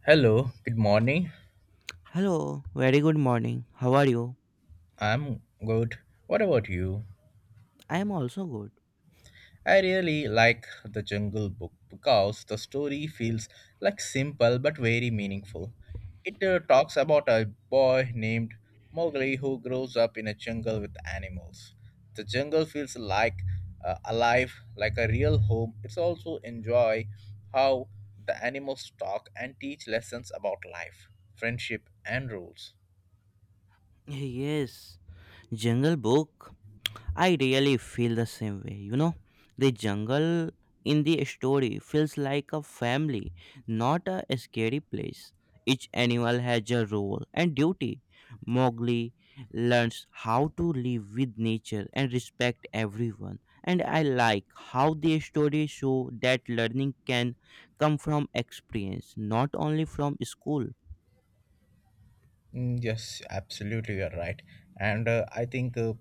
Hello, good morning. Hello, very good morning. How are you? I'm good. What about you? I am also good. I really like The Jungle Book because the story feels like simple but very meaningful. It talks about a boy named Mowgli who grows up in a jungle with animals. The jungle feels like alive, like a real home. It's also enjoy how the animals talk and teach lessons about life, friendship, and rules. Yes, Jungle Book. I really feel the same way. You know, the jungle in the story feels like a family, not a scary place. Each animal has a role and duty. Mowgli learns how to live with nature and respect everyone. And I like how the story show that learning can come from experience, not only from school. Mm, yes, absolutely, you're right. And I think uh,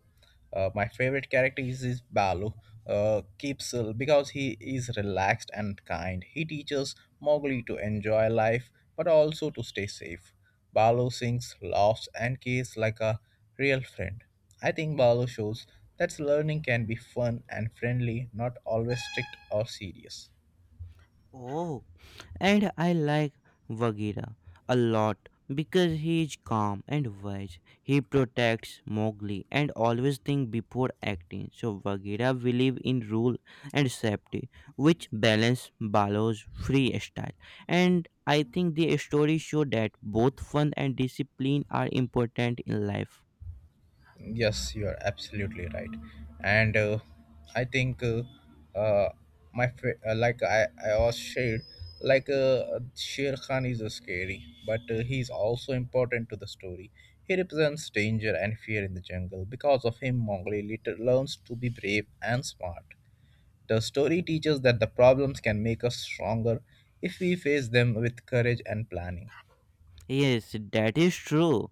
uh, my favorite character is Balu. Keeps because he is relaxed and kind. He teaches Mowgli to enjoy life, but also to stay safe. Balu sings, laughs, and kisses like a real friend. I think Balu shows that learning can be fun and friendly, not always strict or serious. Oh, and I like Bagheera a lot because he is calm and wise. He protects Mowgli and always think before acting. So Bagheera believes in rule and safety, which balance Balo's free style. And I think the story show that both fun and discipline are important in life. Yes, you are absolutely right, and I think uh, like I was shared like Sher Khan is scary, but he is also important to the story. He represents danger and fear in the jungle. Because of him, Mongolia later learns to be brave and smart. The story teaches that the problems can make us stronger if we face them with courage and planning. Yes, that is true.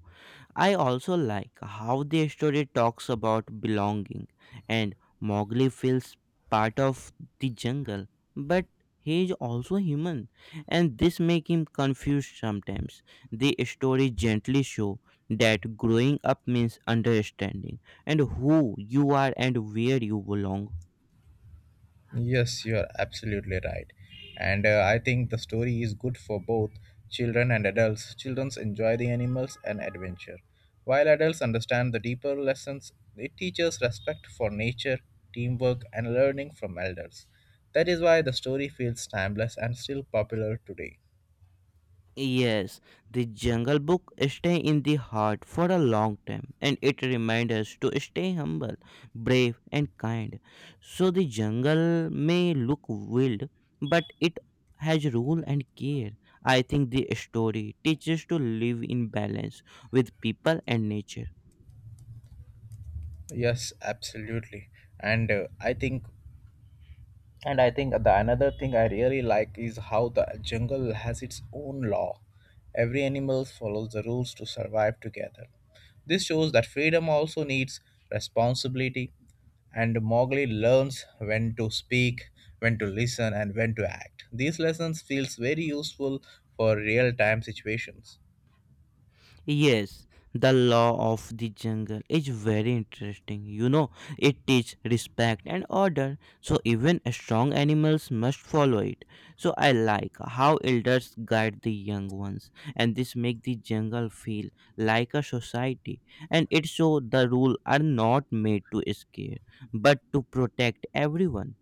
I also like how the story talks about belonging, and Mowgli feels part of the jungle, but he is also human, and this makes him confused sometimes. The story gently shows that growing up means understanding and who you are and where you belong. Yes, you are absolutely right. And I think the story is good for both children and adults. Children enjoy the animals and adventure, while adults understand the deeper lessons. It teaches respect for nature, teamwork, and learning from elders. That is why the story feels timeless and still popular today. Yes, the Jungle Book stay in the heart for a long time and it reminds us to stay humble, brave and kind. So the jungle may look wild, but it has rule and care. I think the story teaches to live in balance with people and nature. Yes, absolutely. And uh, I think And I think the another thing I really like is how the jungle has its own law. Every animal follows the rules to survive together. This shows that freedom also needs responsibility, and Mowgli learns when to speak, when to listen, and when to act. These lessons feels very useful for real-time situations. Yes, the law of the jungle is very interesting. You know, it teaches respect and order, so even strong animals must follow it. So I like how elders guide the young ones, and this make the jungle feel like a society. And it shows the rules are not made to scare, but to protect everyone.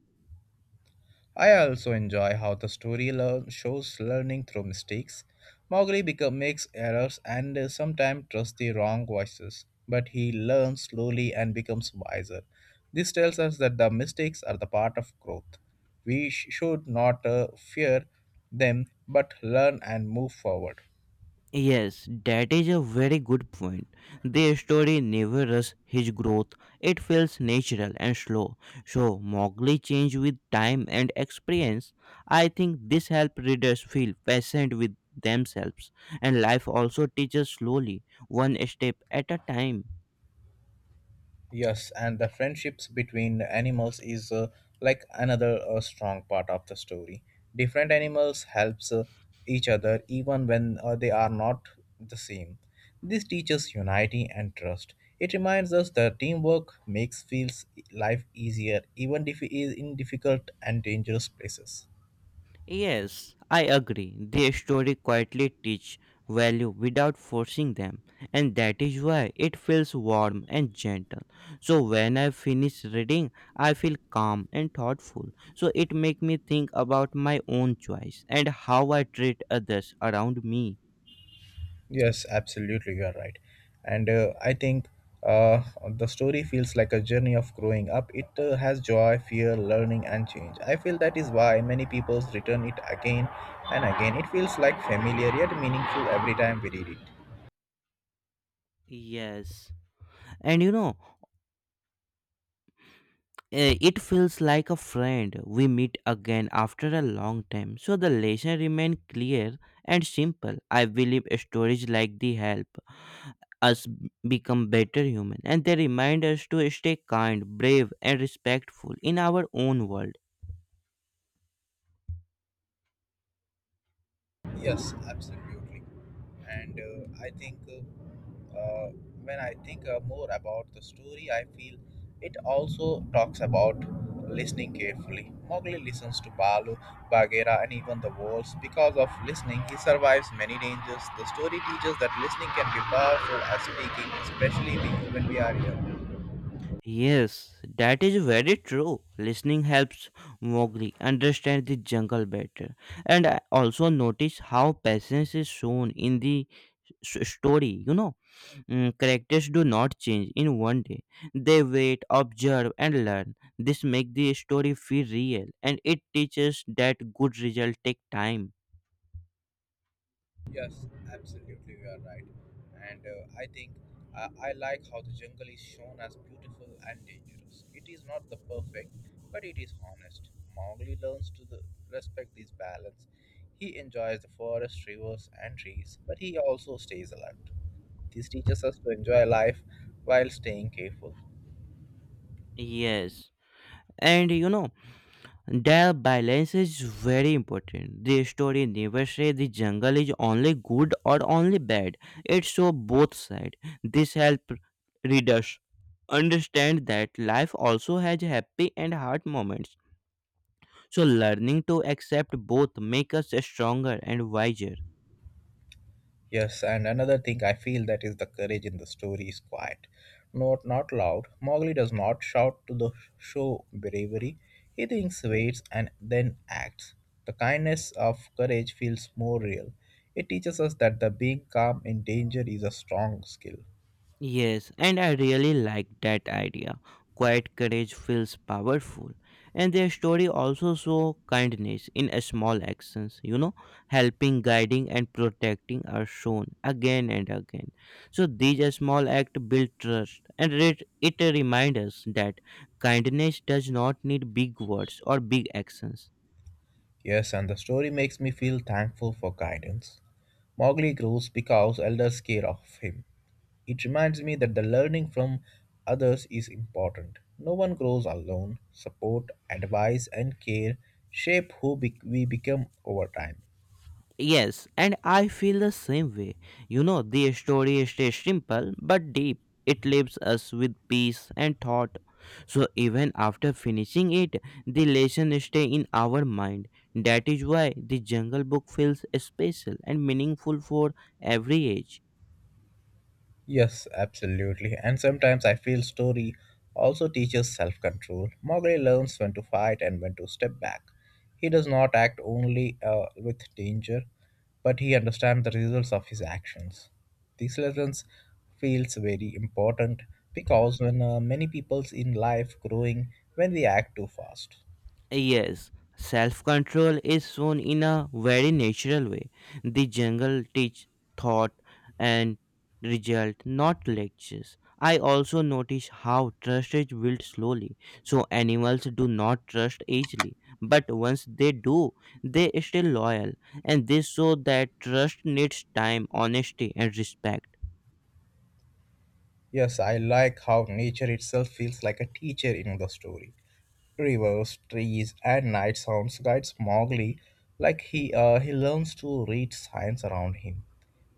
I also enjoy how the story shows learning through mistakes. Mowgli makes errors and sometimes trusts the wrong voices, but he learns slowly and becomes wiser. This tells us that the mistakes are the part of growth. We should not fear them, but learn and move forward. Yes, that is a very good point. The story never rushes his growth. It feels natural and slow. So Mowgli changes with time and experience. I think this helps readers feel patient with themselves. And life also teaches slowly, one step at a time. Yes, and the friendships between animals is like another strong part of the story. Different animals helps each other even when they are not the same. This teaches unity and trust. It reminds us that teamwork makes feels life easier even if it is in difficult and dangerous places. Yes, I agree. The story quietly teach value without forcing them, and that is why it feels warm and gentle. So when I finish reading, I feel calm and thoughtful. So it make me think about my own choice and how I treat others around me. Yes, absolutely, you are right. And I think uh, the story feels like a journey of growing up. It has joy, fear, learning, and change. I feel that is why many people return it again and again. It feels like familiar yet meaningful every time we read it. Yes. And you know, eh, it feels like a friend. We meet again after a long time. So the lesson remains clear and simple. I believe stories like the help us become better human and they remind us to stay kind, brave and respectful in our own world. Yes, absolutely. And I think Uh, when I think more about the story, I feel it also talks about listening carefully. Mowgli listens to Balu, Bagheera, and even the wolves. Because of listening, he survives many dangers. The story teaches that listening can be powerful as speaking, especially when we are young. Yes, that is very true. Listening helps Mowgli understand the jungle better. And I also notice how patience is shown in the story, you know, characters do not change in one day. They wait, observe, and learn. This makes the story feel real, and it teaches that good results take time. Yes, absolutely, you are right. And I think I like how the jungle is shown as beautiful and dangerous. It is not the perfect, but it is honest. Mowgli learns to respect this balance. He enjoys the forest, rivers, and trees, but he also stays alert. This teaches us to enjoy life while staying careful. Yes. And you know, the balance is very important. The story never says the jungle is only good or only bad. It shows both sides. This helps readers understand that life also has happy and hard moments. So learning to accept both make us stronger and wiser. Yes, and another thing I feel that is the courage in the story is quiet. Not loud. Mowgli does not shout to the show bravery. He thinks, waits, and then acts. The kindness of courage feels more real. It teaches us that the being calm in danger is a strong skill. Yes, and I really like that idea. Quiet courage feels powerful. And their story also show kindness in a small actions, you know, helping, guiding and protecting are shown again and again. So these small acts build trust and it reminds us that kindness does not need big words or big actions. Yes, and the story makes me feel thankful for guidance. Mowgli grows because elders care of him. It reminds me that the learning from others is important. No one grows alone. Support, advice, and care shape who we become over time. Yes, and I feel the same way. You know, the story stays simple but deep. It leaves us with peace and thought. So even after finishing it, the lesson stay in our mind. That is why the Jungle Book feels special and meaningful for every age. Yes, absolutely. And sometimes I feel story also teaches self control. Mowgli learns when to fight and when to step back. He does not act only with danger, but he understands the results of his actions. These lessons feels very important because when many people's in life growing when we act too fast. Yes, self control is shown in a very natural way. The jungle teach thought and result, not lectures. I also notice how trust is built slowly. So animals do not trust easily, but once they do, they stay loyal, and this show that trust needs time, honesty, and respect. Yes, I like how nature itself feels like a teacher in the story. Rivers, trees, and night sounds guides Mowgli like he learns to read signs around him.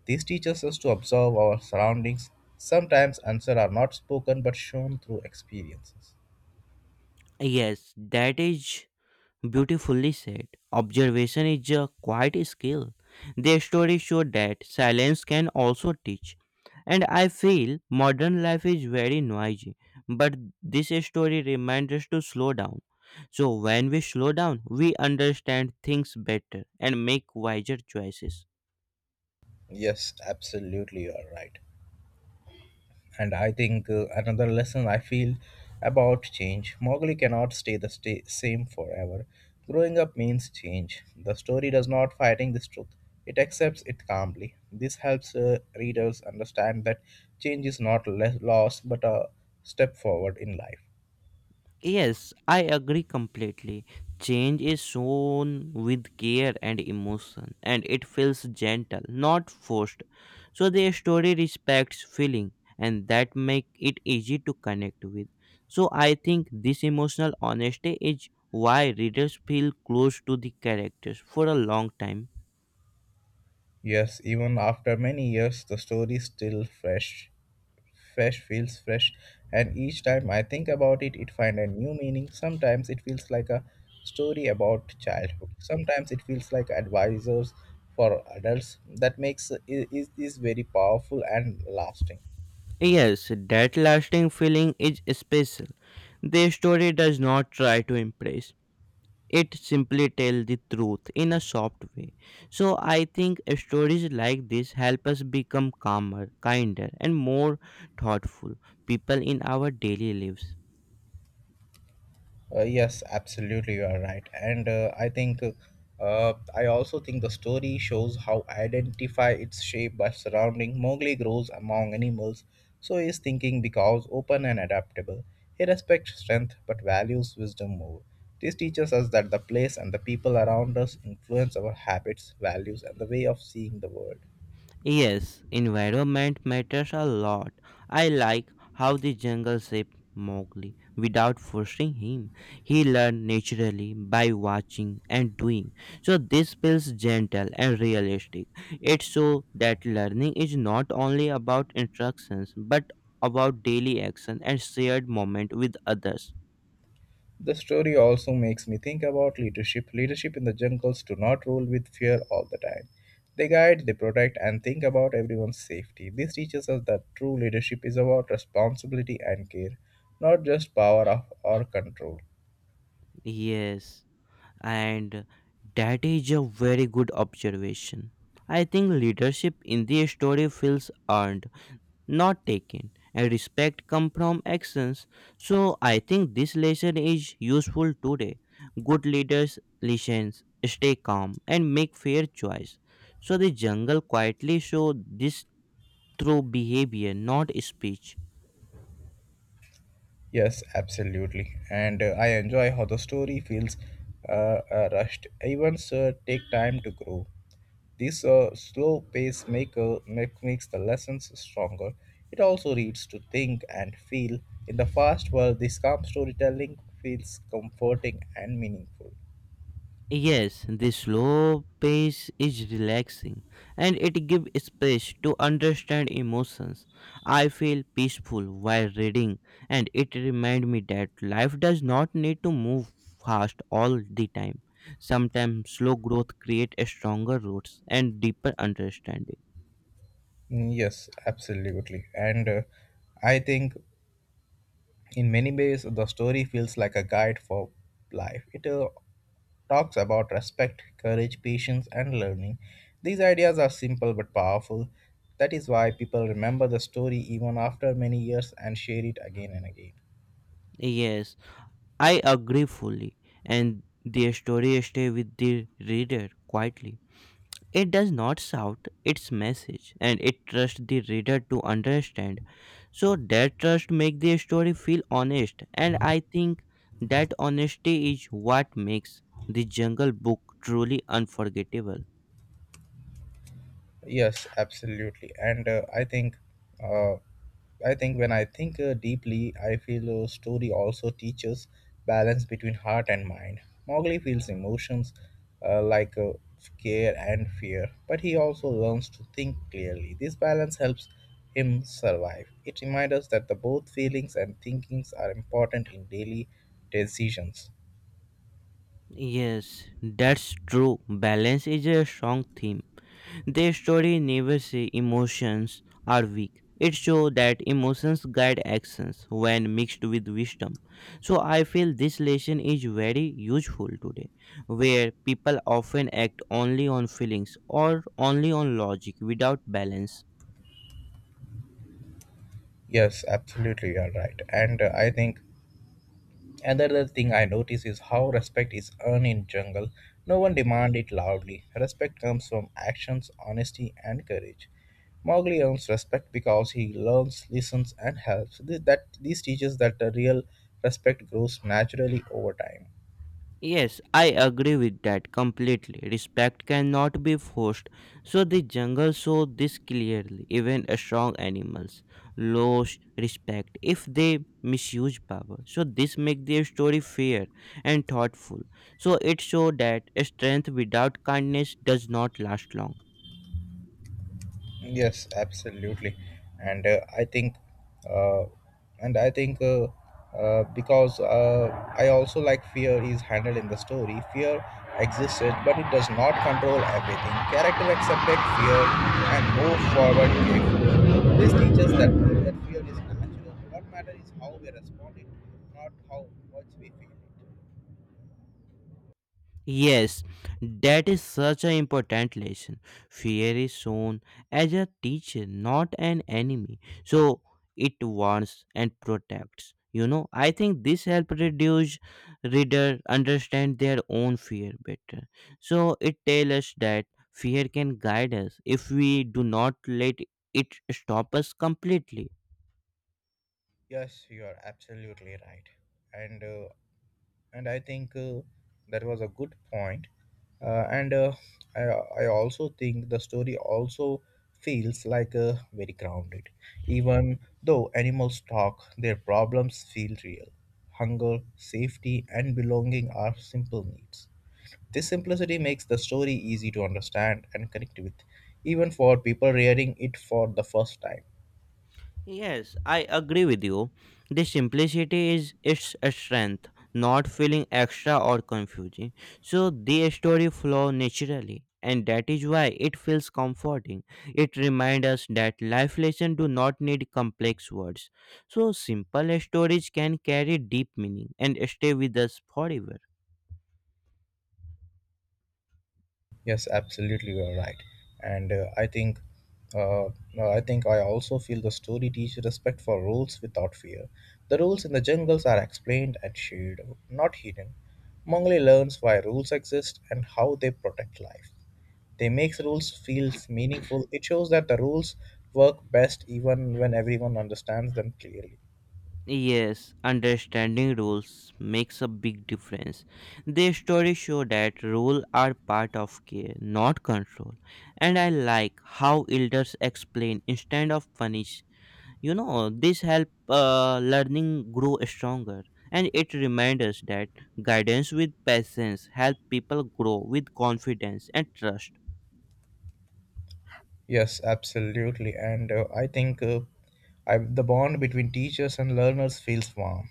This teaches us to observe our surroundings. Sometimes answers are not spoken but shown through experiences. Yes, that is beautifully said. Observation is a quiet skill. Their stories show that silence can also teach. And I feel modern life is very noisy, but this story reminds us to slow down. So when we slow down, we understand things better and make wiser choices. Yes, absolutely, you are right. And I think another lesson I feel about change Mowgli cannot stay the sta same forever. Growing up means change. The story does not fighting this truth, it accepts it calmly. This helps readers understand that change is not less loss but a step forward in life. Yes, I agree completely. Change is shown with care and emotion, and it feels gentle, not forced. So the story respects feeling, and that make it easy to connect with. So I think this emotional honesty is why readers feel close to the characters for a long time. Yes, even after many years, the story is still fresh. Fresh feels fresh, and each time I think about it, it finds a new meaning. Sometimes it feels like a story about childhood. Sometimes it feels like advisors for adults. That makes it is very powerful and lasting. Yes, that lasting feeling is special. The story does not try to impress. It simply tells the truth in a soft way. So I think stories like this help us become calmer, kinder, and more thoughtful people in our daily lives. Yes, absolutely, you are right. And I also think the story shows how identify its shape by surrounding. Mowgli grows among animals, so he is thinking because open and adaptable. He respects strength but values wisdom more. This teaches us that the place and the people around us influence our habits, values, and the way of seeing the world. Yes, environment matters a lot. I like how the jungle shaped Mowgli without forcing him. He learned naturally by watching and doing. So this feels gentle and realistic. It shows that learning is not only about instructions but about daily action and shared moment with others. The story also makes me think about leadership. Leadership in the jungles do not rule with fear all the time. They guide, they protect, and think about everyone's safety. This teaches us that true leadership is about responsibility and care, not just power or control. Yes, and that is a very good observation. I think leadership in the story feels earned, not taken, and respect come from actions. So I think this lesson is useful today. Good leaders listen, stay calm, and make fair choice. So the jungle quietly show this through behavior, not speech. Yes, absolutely. And I enjoy how the story feels rushed. Events take time to grow. This slow pace makes the lessons stronger. It also leads to think and feel. In the fast world, this calm storytelling feels comforting and meaningful. Yes, the slow pace is relaxing and it gives space to understand emotions. I feel peaceful while reading and it reminds me that life does not need to move fast all the time. Sometimes slow growth creates stronger roots and deeper understanding. Mm, yes, absolutely. And I think in many ways, the story feels like a guide for life. It talks about respect, courage, patience, and learning. These ideas are simple but powerful. That is why people remember the story even after many years and share it again and again. Yes, I agree fully and the story stay with the reader quietly. It does not shout its message and it trusts the reader to understand. So that trust makes the story feel honest and I think that honesty is what makes the Jungle Book truly unforgettable. Yes, absolutely. And uh, I think when I think deeply, I feel story also teaches balance between heart and mind. Mowgli feels emotions like care and fear, but he also learns to think clearly. This balance helps him survive. It reminds us that the both feelings and thinkings are important in daily decisions. Yes, that's true. Balance is a strong theme. Their story never say emotions are weak. It shows that emotions guide actions when mixed with wisdom. So I feel this lesson is very useful today, where people often act only on feelings or only on logic without balance. Yes, absolutely, you are right. And I think another thing I notice is how respect is earned in jungle. No one demand it loudly. Respect comes from actions, honesty, and courage. Mowgli earns respect because he learns, listens, and helps. This teaches that the real respect grows naturally over time. Yes, I agree with that completely. Respect cannot be forced. So the jungle show this clearly. Even strong animals lose respect if they misuse power. So this makes their story fair and thoughtful. So it show that strength without kindness does not last long. Yes, absolutely, and I think, uh, and I think because I also like fear is handled in the story. Fear existed, but it does not control everything. Character accepted fear and move forward carefully. This teaches that fear is natural. What matters is how we respond it, not how much we feel it. Yes, that is such an important lesson. Fear is shown as a teacher, not an enemy. So it warns and protects. You know, I think this helps reduce reader understand their own fear better. So it tells us that fear can guide us if we do not let it stop us completely. Yes, you are absolutely right, and uh, and I think that was a good point. And I, I also think the story also feels like very grounded. Even though animals talk, their problems feel real. Hunger, safety, and belonging are simple needs. This simplicity makes the story easy to understand and connect with, even for people reading it for the first time. Yes, I agree with you. The simplicity is its strength, not feeling extra or confusing. So the story flow naturally, and that is why it feels comforting. It reminds us that life lessons do not need complex words. So simple stories can carry deep meaning and stay with us forever. Yes, absolutely, you're right. And uh, I think I also feel the story teaches respect for rules without fear. The rules in the jungles are explained and shared, not hidden. Mongli learns why rules exist and how they protect life. They makes rules feel meaningful. It shows that the rules work best even when everyone understands them clearly. Yes, understanding roles makes a big difference. The stories show that roles are part of care, not control. And I like how elders explain instead of punish. You know, this help learning grow stronger. And it reminds us that guidance with patience help people grow with confidence and trust. Yes, absolutely. And I think the bond between teachers and learners feels warm.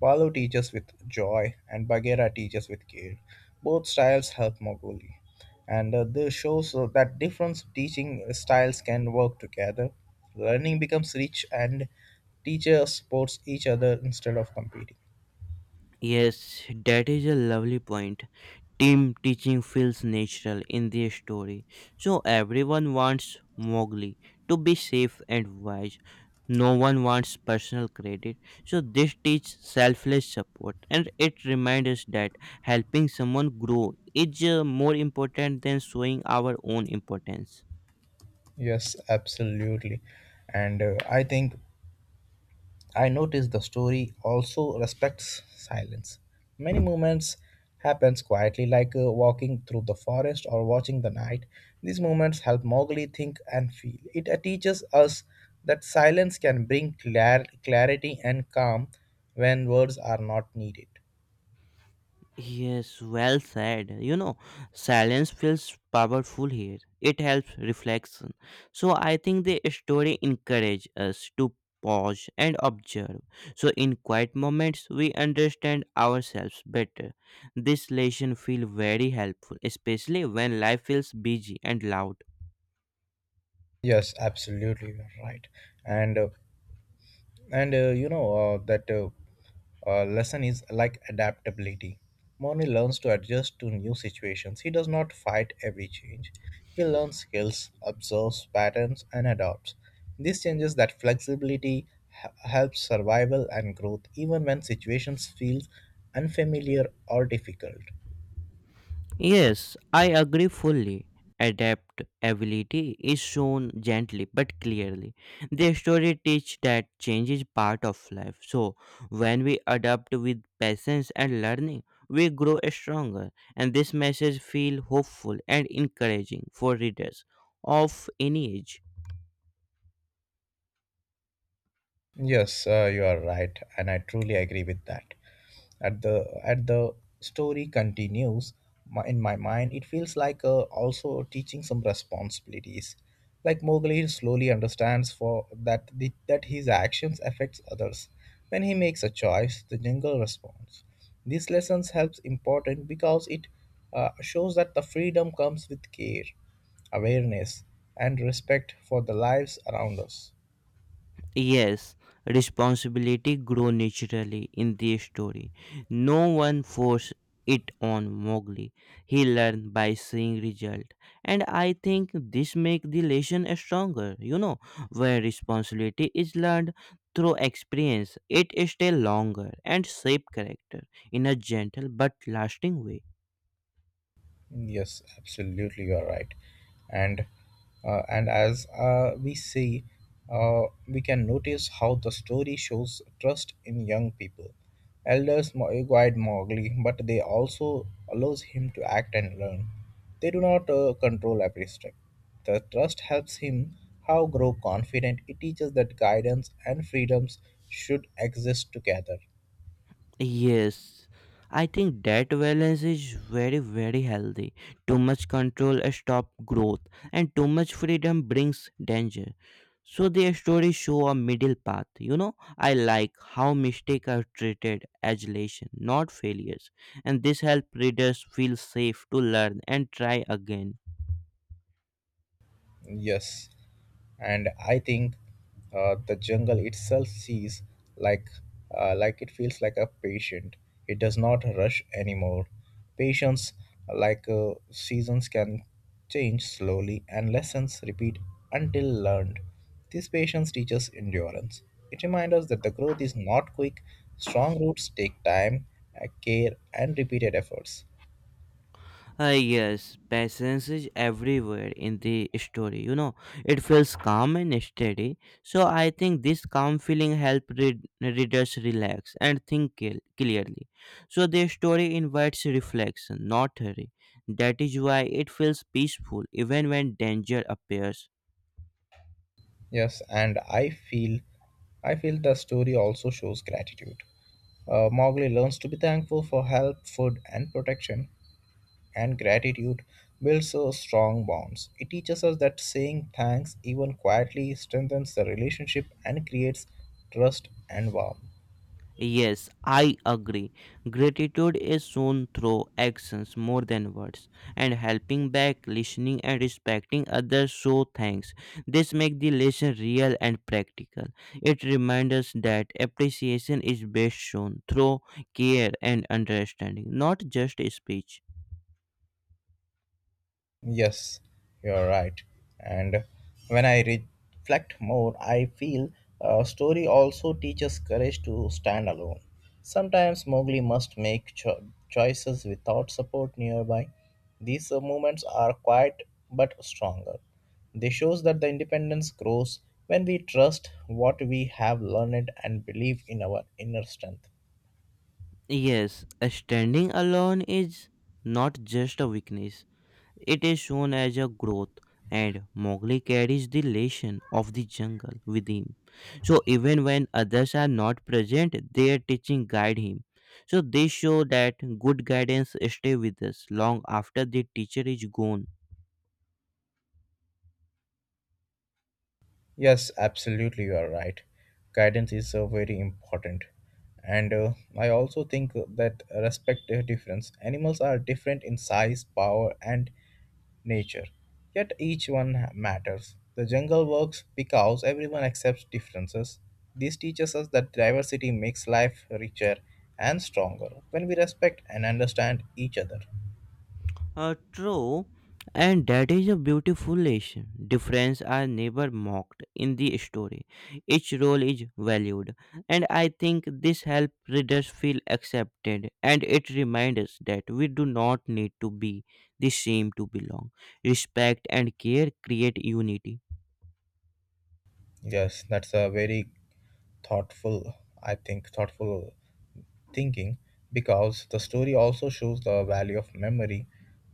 Palo teaches with joy and Bagheera teaches with care. Both styles help Mowgli, and this shows that different teaching styles can work together. Learning becomes rich, and teachers supports each other instead of competing. Yes, that is a lovely point. Team teaching feels natural in the story, so everyone wants Mowgli to be safe and wise. No one wants personal credit, so this teaches selfless support, and it reminds us that helping someone grow is more important than showing our own importance. Yes, absolutely, and I think I noticed the story also respects silence. Many moments happens quietly, like walking through the forest or watching the night. These moments help Mowgli think and feel. It teaches us that silence can bring clarity and calm when words are not needed. Yes, well said. You know, silence feels powerful here. It helps reflection. So I think the story encourages us to pause and observe. So in quiet moments, we understand ourselves better. This lesson feels very helpful, especially when life feels busy and loud. Yes, absolutely, you're right. And uh, and you know that Lesson is like adaptability. Moni learns to adjust to new situations. He does not fight every change. He learns skills, observes patterns, and adapts. This changes that flexibility helps survival and growth even when situations feel unfamiliar or difficult. Yes, I agree fully. Adaptability is shown gently but clearly. The story teaches that change is part of life. So, when we adapt with patience and learning, we grow stronger. And this message feels hopeful and encouraging for readers of any age. Yes, you are right, and I truly agree with that. At the story continues in my mind, it feels like also teaching some responsibilities. Like Mowgli slowly understands for that that his actions affects others. When he makes a choice, the jungle responds. These lessons helps important because it shows that the freedom comes with care, awareness, and respect for the lives around us. Yes, responsibility grew naturally in the story. No one forced it on Mowgli. He learned by seeing result, and I think this makes the lesson stronger. You know, where responsibility is learned through experience, it stays longer and shape character in a gentle but lasting way. Yes, absolutely, you are right. And and as we see, uh, we can notice how the story shows trust in young people. Elders guide Mowgli, but they also allows him to act and learn. They do not control every step. The trust helps him how grow confident. It teaches that guidance and freedoms should exist together. Yes, I think that balance is very, very healthy. Too much control stops growth, and too much freedom brings danger. So the stories show a middle path. You know, I like how mistakes are treated as lesson, not failures, and this helps readers feel safe to learn and try again. Yes, and I think the jungle itself sees like like it feels like a patient. It does not rush anymore. Patience, like seasons, can change slowly, and lessons repeat until learned. This patience teaches endurance. It reminds us that the growth is not quick. Strong roots take time, care, and repeated efforts. Yes, patience is everywhere in the story. You know, it feels calm and steady. So I think this calm feeling helps readers relax and think clearly. So the story invites reflection, not hurry. That is why it feels peaceful even when danger appears. Yes, and I feel the story also shows gratitude. Mowgli learns to be thankful for help, food, and protection, and gratitude builds strong bonds. It teaches us that saying thanks, even quietly, strengthens the relationship and creates trust and warmth. Yes, I agree. Gratitude is shown through actions more than words, and helping back, listening, and respecting others show thanks. This makes the lesson real and practical. It reminds us that appreciation is best shown through care and understanding, not just speech. Yes, you're right. And when I reflect more, I feel a story also teaches courage to stand alone. Sometimes Mowgli must make choices without support nearby. These moments are quiet but stronger. They shows that the independence grows when we trust what we have learned and believe in our inner strength. Yes, standing alone is not just a weakness. It is shown as a growth, and Mowgli carries the lesson of the jungle with him. So even when others are not present, their teaching guide him. So they show that good guidance stay with us long after the teacher is gone. Yes, absolutely, you are right. Guidance is very important. And I also think that respect their difference. Animals are different in size, power, and nature. Yet each one matters. The jungle works because everyone accepts differences. This teaches us that diversity makes life richer and stronger when we respect and understand each other. True, and that is a beautiful lesson. Difference are never mocked in the story. Each role is valued, and I think this helps readers feel accepted. And it reminds us that we do not need to be the same to belong. Respect and care create unity. Yes, that's a very thoughtful, I think, thoughtful thinking because the story also shows the value of memory.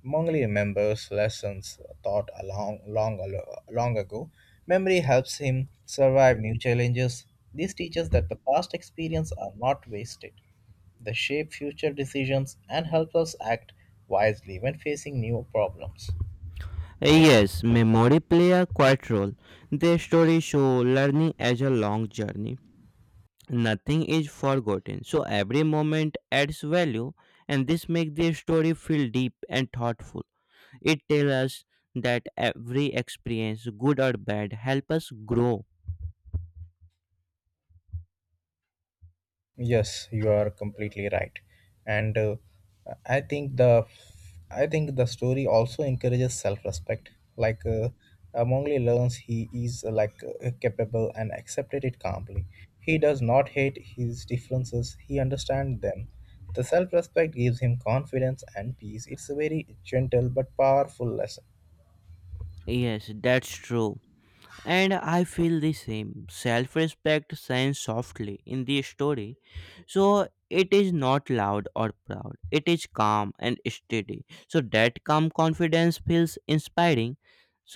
Mongli remembers lessons taught a long, long, long ago. Memory helps him survive new challenges. This teaches that the past experience are not wasted. They shape future decisions and help us act wisely when facing new problems. Yes, memory play a quiet role. The story show learning as a long journey. Nothing is forgotten, so every moment adds value, and this makes the story feel deep and thoughtful. It tells us that every experience, good or bad, help us grow. Yes, you are completely right, and I think the story also encourages self-respect. Like Mowgli learns he is like capable and accepted it calmly. He does not hate his differences; he understands them. The self-respect gives him confidence and peace. It's a very gentle but powerful lesson. Yes, that's true. And I feel the same. Self respect shines softly in the story. So it is not loud or proud. It is calm and steady. So that calm confidence feels inspiring.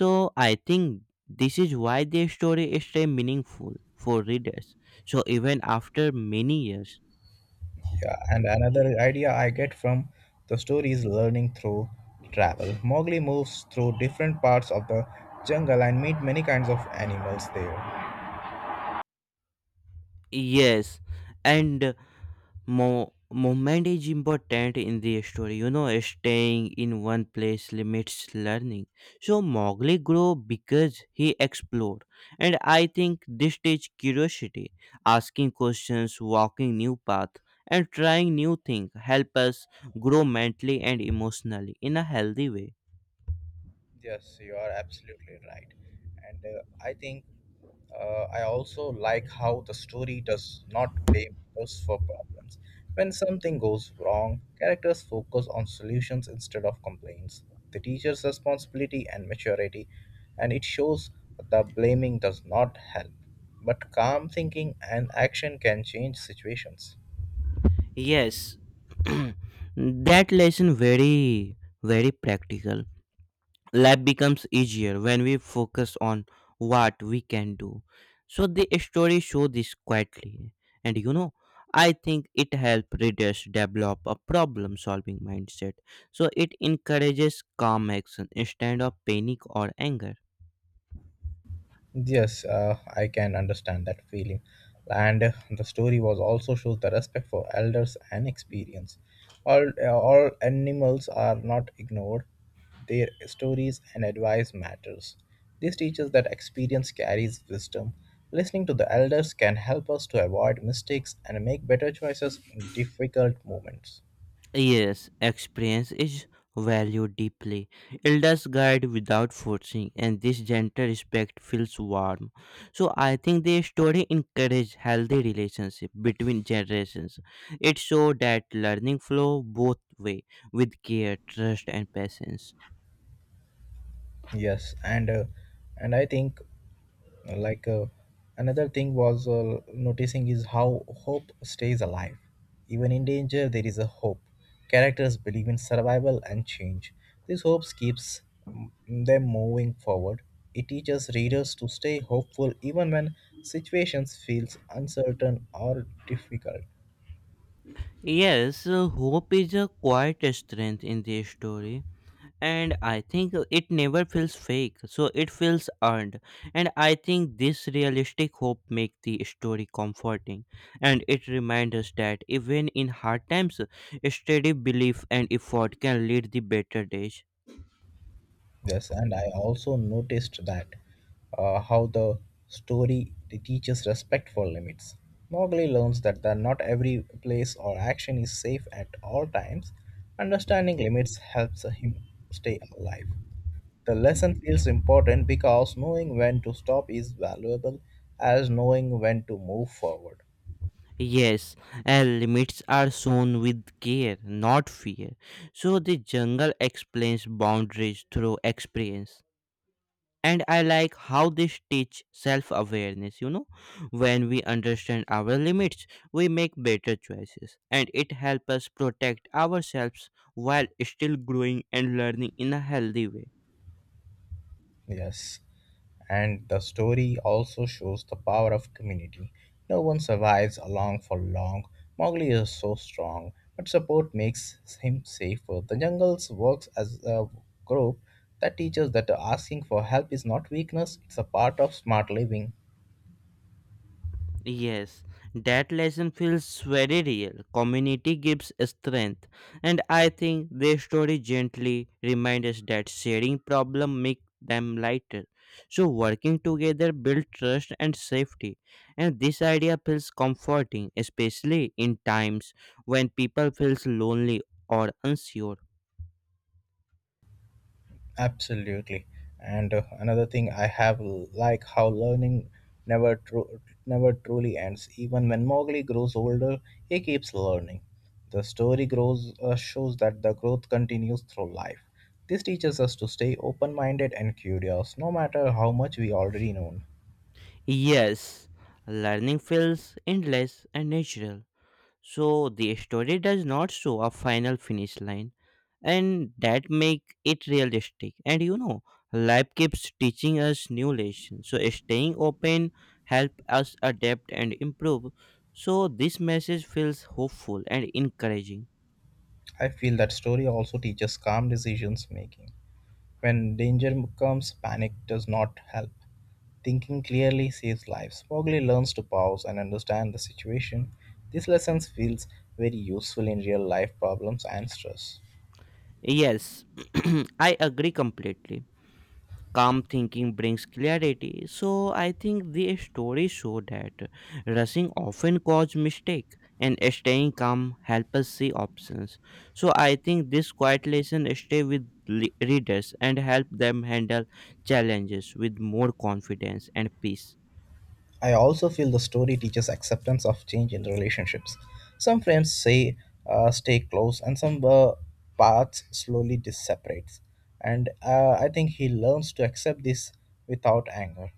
So I think this is why the story stays meaningful for readers. So even after many years. Yeah, and another idea I get from the story is learning through travel. Mowgli moves through different parts of the jungle and meet many kinds of animals there. Yes. And movement is important in the story. You know, staying in one place limits learning. So Mowgli grew because he explored, and I think this teaches curiosity, asking questions, walking new path, and trying new things help us grow mentally and emotionally in a healthy way. Yes, you are absolutely right. And I think I also like how the story does not blame us for problems. When something goes wrong, characters focus on solutions instead of complaints. The teacher's responsibility and maturity, and it shows that blaming does not help. But calm thinking and action can change situations. Yes, that lesson very very practical. Life becomes easier when we focus on what we can do. So the story show this quietly, and you know, I think it helps readers develop a problem solving mindset. So it encourages calm action instead of panic or anger. Yes, I can understand that feeling. And the story was also shows the respect for elders and experience. All animals are not ignored. Their stories and advice matters. This teaches that experience carries wisdom. Listening to the elders can help us to avoid mistakes and make better choices in difficult moments. Yes, experience is valued deeply. Elders guide without forcing, and this gentle respect feels warm. So I think the story encourages healthy relationship between generations. It shows that learning flow both way with care, trust, and patience. Yes, and I think like another thing was noticing is how hope stays alive, even in danger there is a hope. Characters believe in survival and change. This hope keeps them moving forward. It teaches readers to stay hopeful even when situations feels uncertain or difficult. Yes, hope is a quiet strength in the story. And I think it never feels fake, so it feels earned. And I think this realistic hope make the story comforting, and it reminds us that even in hard times, steady belief and effort can lead the better days. Yes, and I also noticed that how the story teaches respect for limits. Mowgli learns that not every place or action is safe at all times. Understanding limits helps him stay alive. The lesson feels important because knowing when to stop is valuable as knowing when to move forward. Yes, and limits are shown with care, not fear. So the jungle explains boundaries through experience, and I like how this teach self awareness, you know. When we understand our limits, we make better choices, and it helps us protect ourselves while still growing and learning in a healthy way. Yes, and the story also shows the power of community. No one survives alone for long. Mowgli is so strong, but support makes him safer. The jungles works as a group that teaches that asking for help is not weakness; it's a part of smart living. Yes, that lesson feels very real. Community gives strength, and I think their story gently reminds us that sharing problem make them lighter. So working together build trust and safety, and this idea feels comforting, especially in times when people feels lonely or unsure. Absolutely. And another thing I have like how learning never tru- never truly ends. Even when Mowgli grows older, he keeps learning. The story grows shows that the growth continues through life. This teaches us to stay open-minded and curious, no matter how much we already know. Yes, learning feels endless and natural. So the story does not show a final finish line, and that make it realistic. And you know, life keeps teaching us new lessons. So staying open help us adapt and improve. So this message feels hopeful and encouraging. I feel that story also teaches calm decisions making. When danger comes, panic does not help. Thinking clearly saves lives. Mowgli learns to pause and understand the situation. This lesson feels very useful in real life problems and stress. Yes, I agree completely. Calm thinking brings clarity. So I think the story show that rushing often cause mistake and staying calm help us see options. So I think this quiet lesson stay with readers and help them handle challenges with more confidence and peace. I also feel the story teaches acceptance of change in relationships. Some friends say stay close, and some paths slowly separates. And I think he learns to accept this without anger.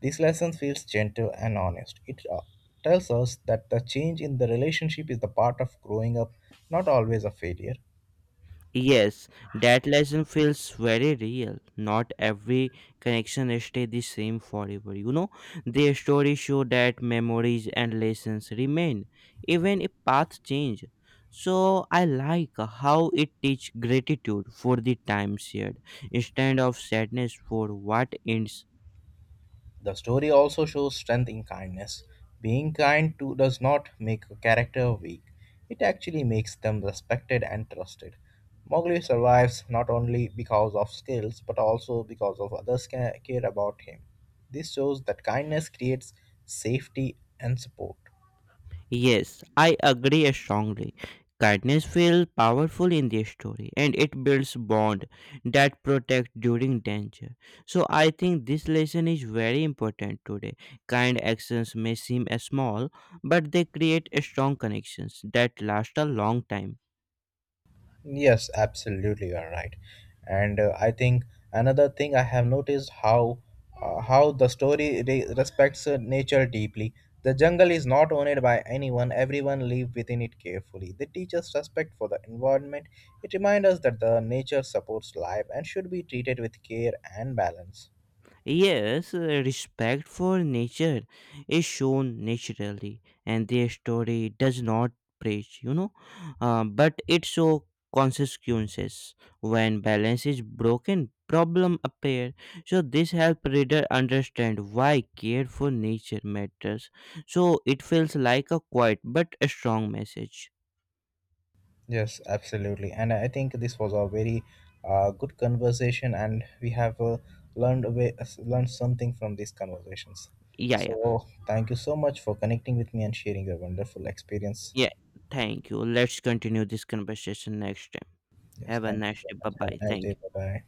This lesson feels gentle and honest. It tells us that the change in the relationship is the part of growing up, not always a failure. Yes, that lesson feels very real. Not every connection stay the same forever. You know, their stories show that memories and lessons remain, even if paths change. So I like how it teach gratitude for the time shared instead of sadness for what ends. The story also shows strength in kindness. Being kind to does not make a character weak, it actually makes them respected and trusted. Mowgli survives not only because of skills but also because of others care about him. This shows that kindness creates safety and support. Yes, I agree strongly. Kindness feels powerful in this story, and it builds bond that protect during danger. So I think this lesson is very important today. Kind actions may seem small, but they create strong connections that last a long time. Yes, absolutely, you are right. And I think another thing I have noticed how the story respects nature deeply. The jungle is not owned by anyone; everyone live within it carefully. They teach us respect for the environment. It reminds us that the nature supports life and should be treated with care and balance. Yes, respect for nature is shown naturally, and their story does not preach, you know, but it shows consequences. When balance is broken, problem appear. So this help reader understand why care for nature matters. So it feels like a quiet but a strong message. Yes, absolutely. And I think this was a very good conversation, and we have learned a way, learned something from these conversations. Yeah, yeah, So, thank you so much for connecting with me and sharing your wonderful experience. yeah. Thank you. Let's continue this conversation next time. Yes, Have a thank you nice so day. Bye much. Have bye. a nice Thank. day. You. Bye bye.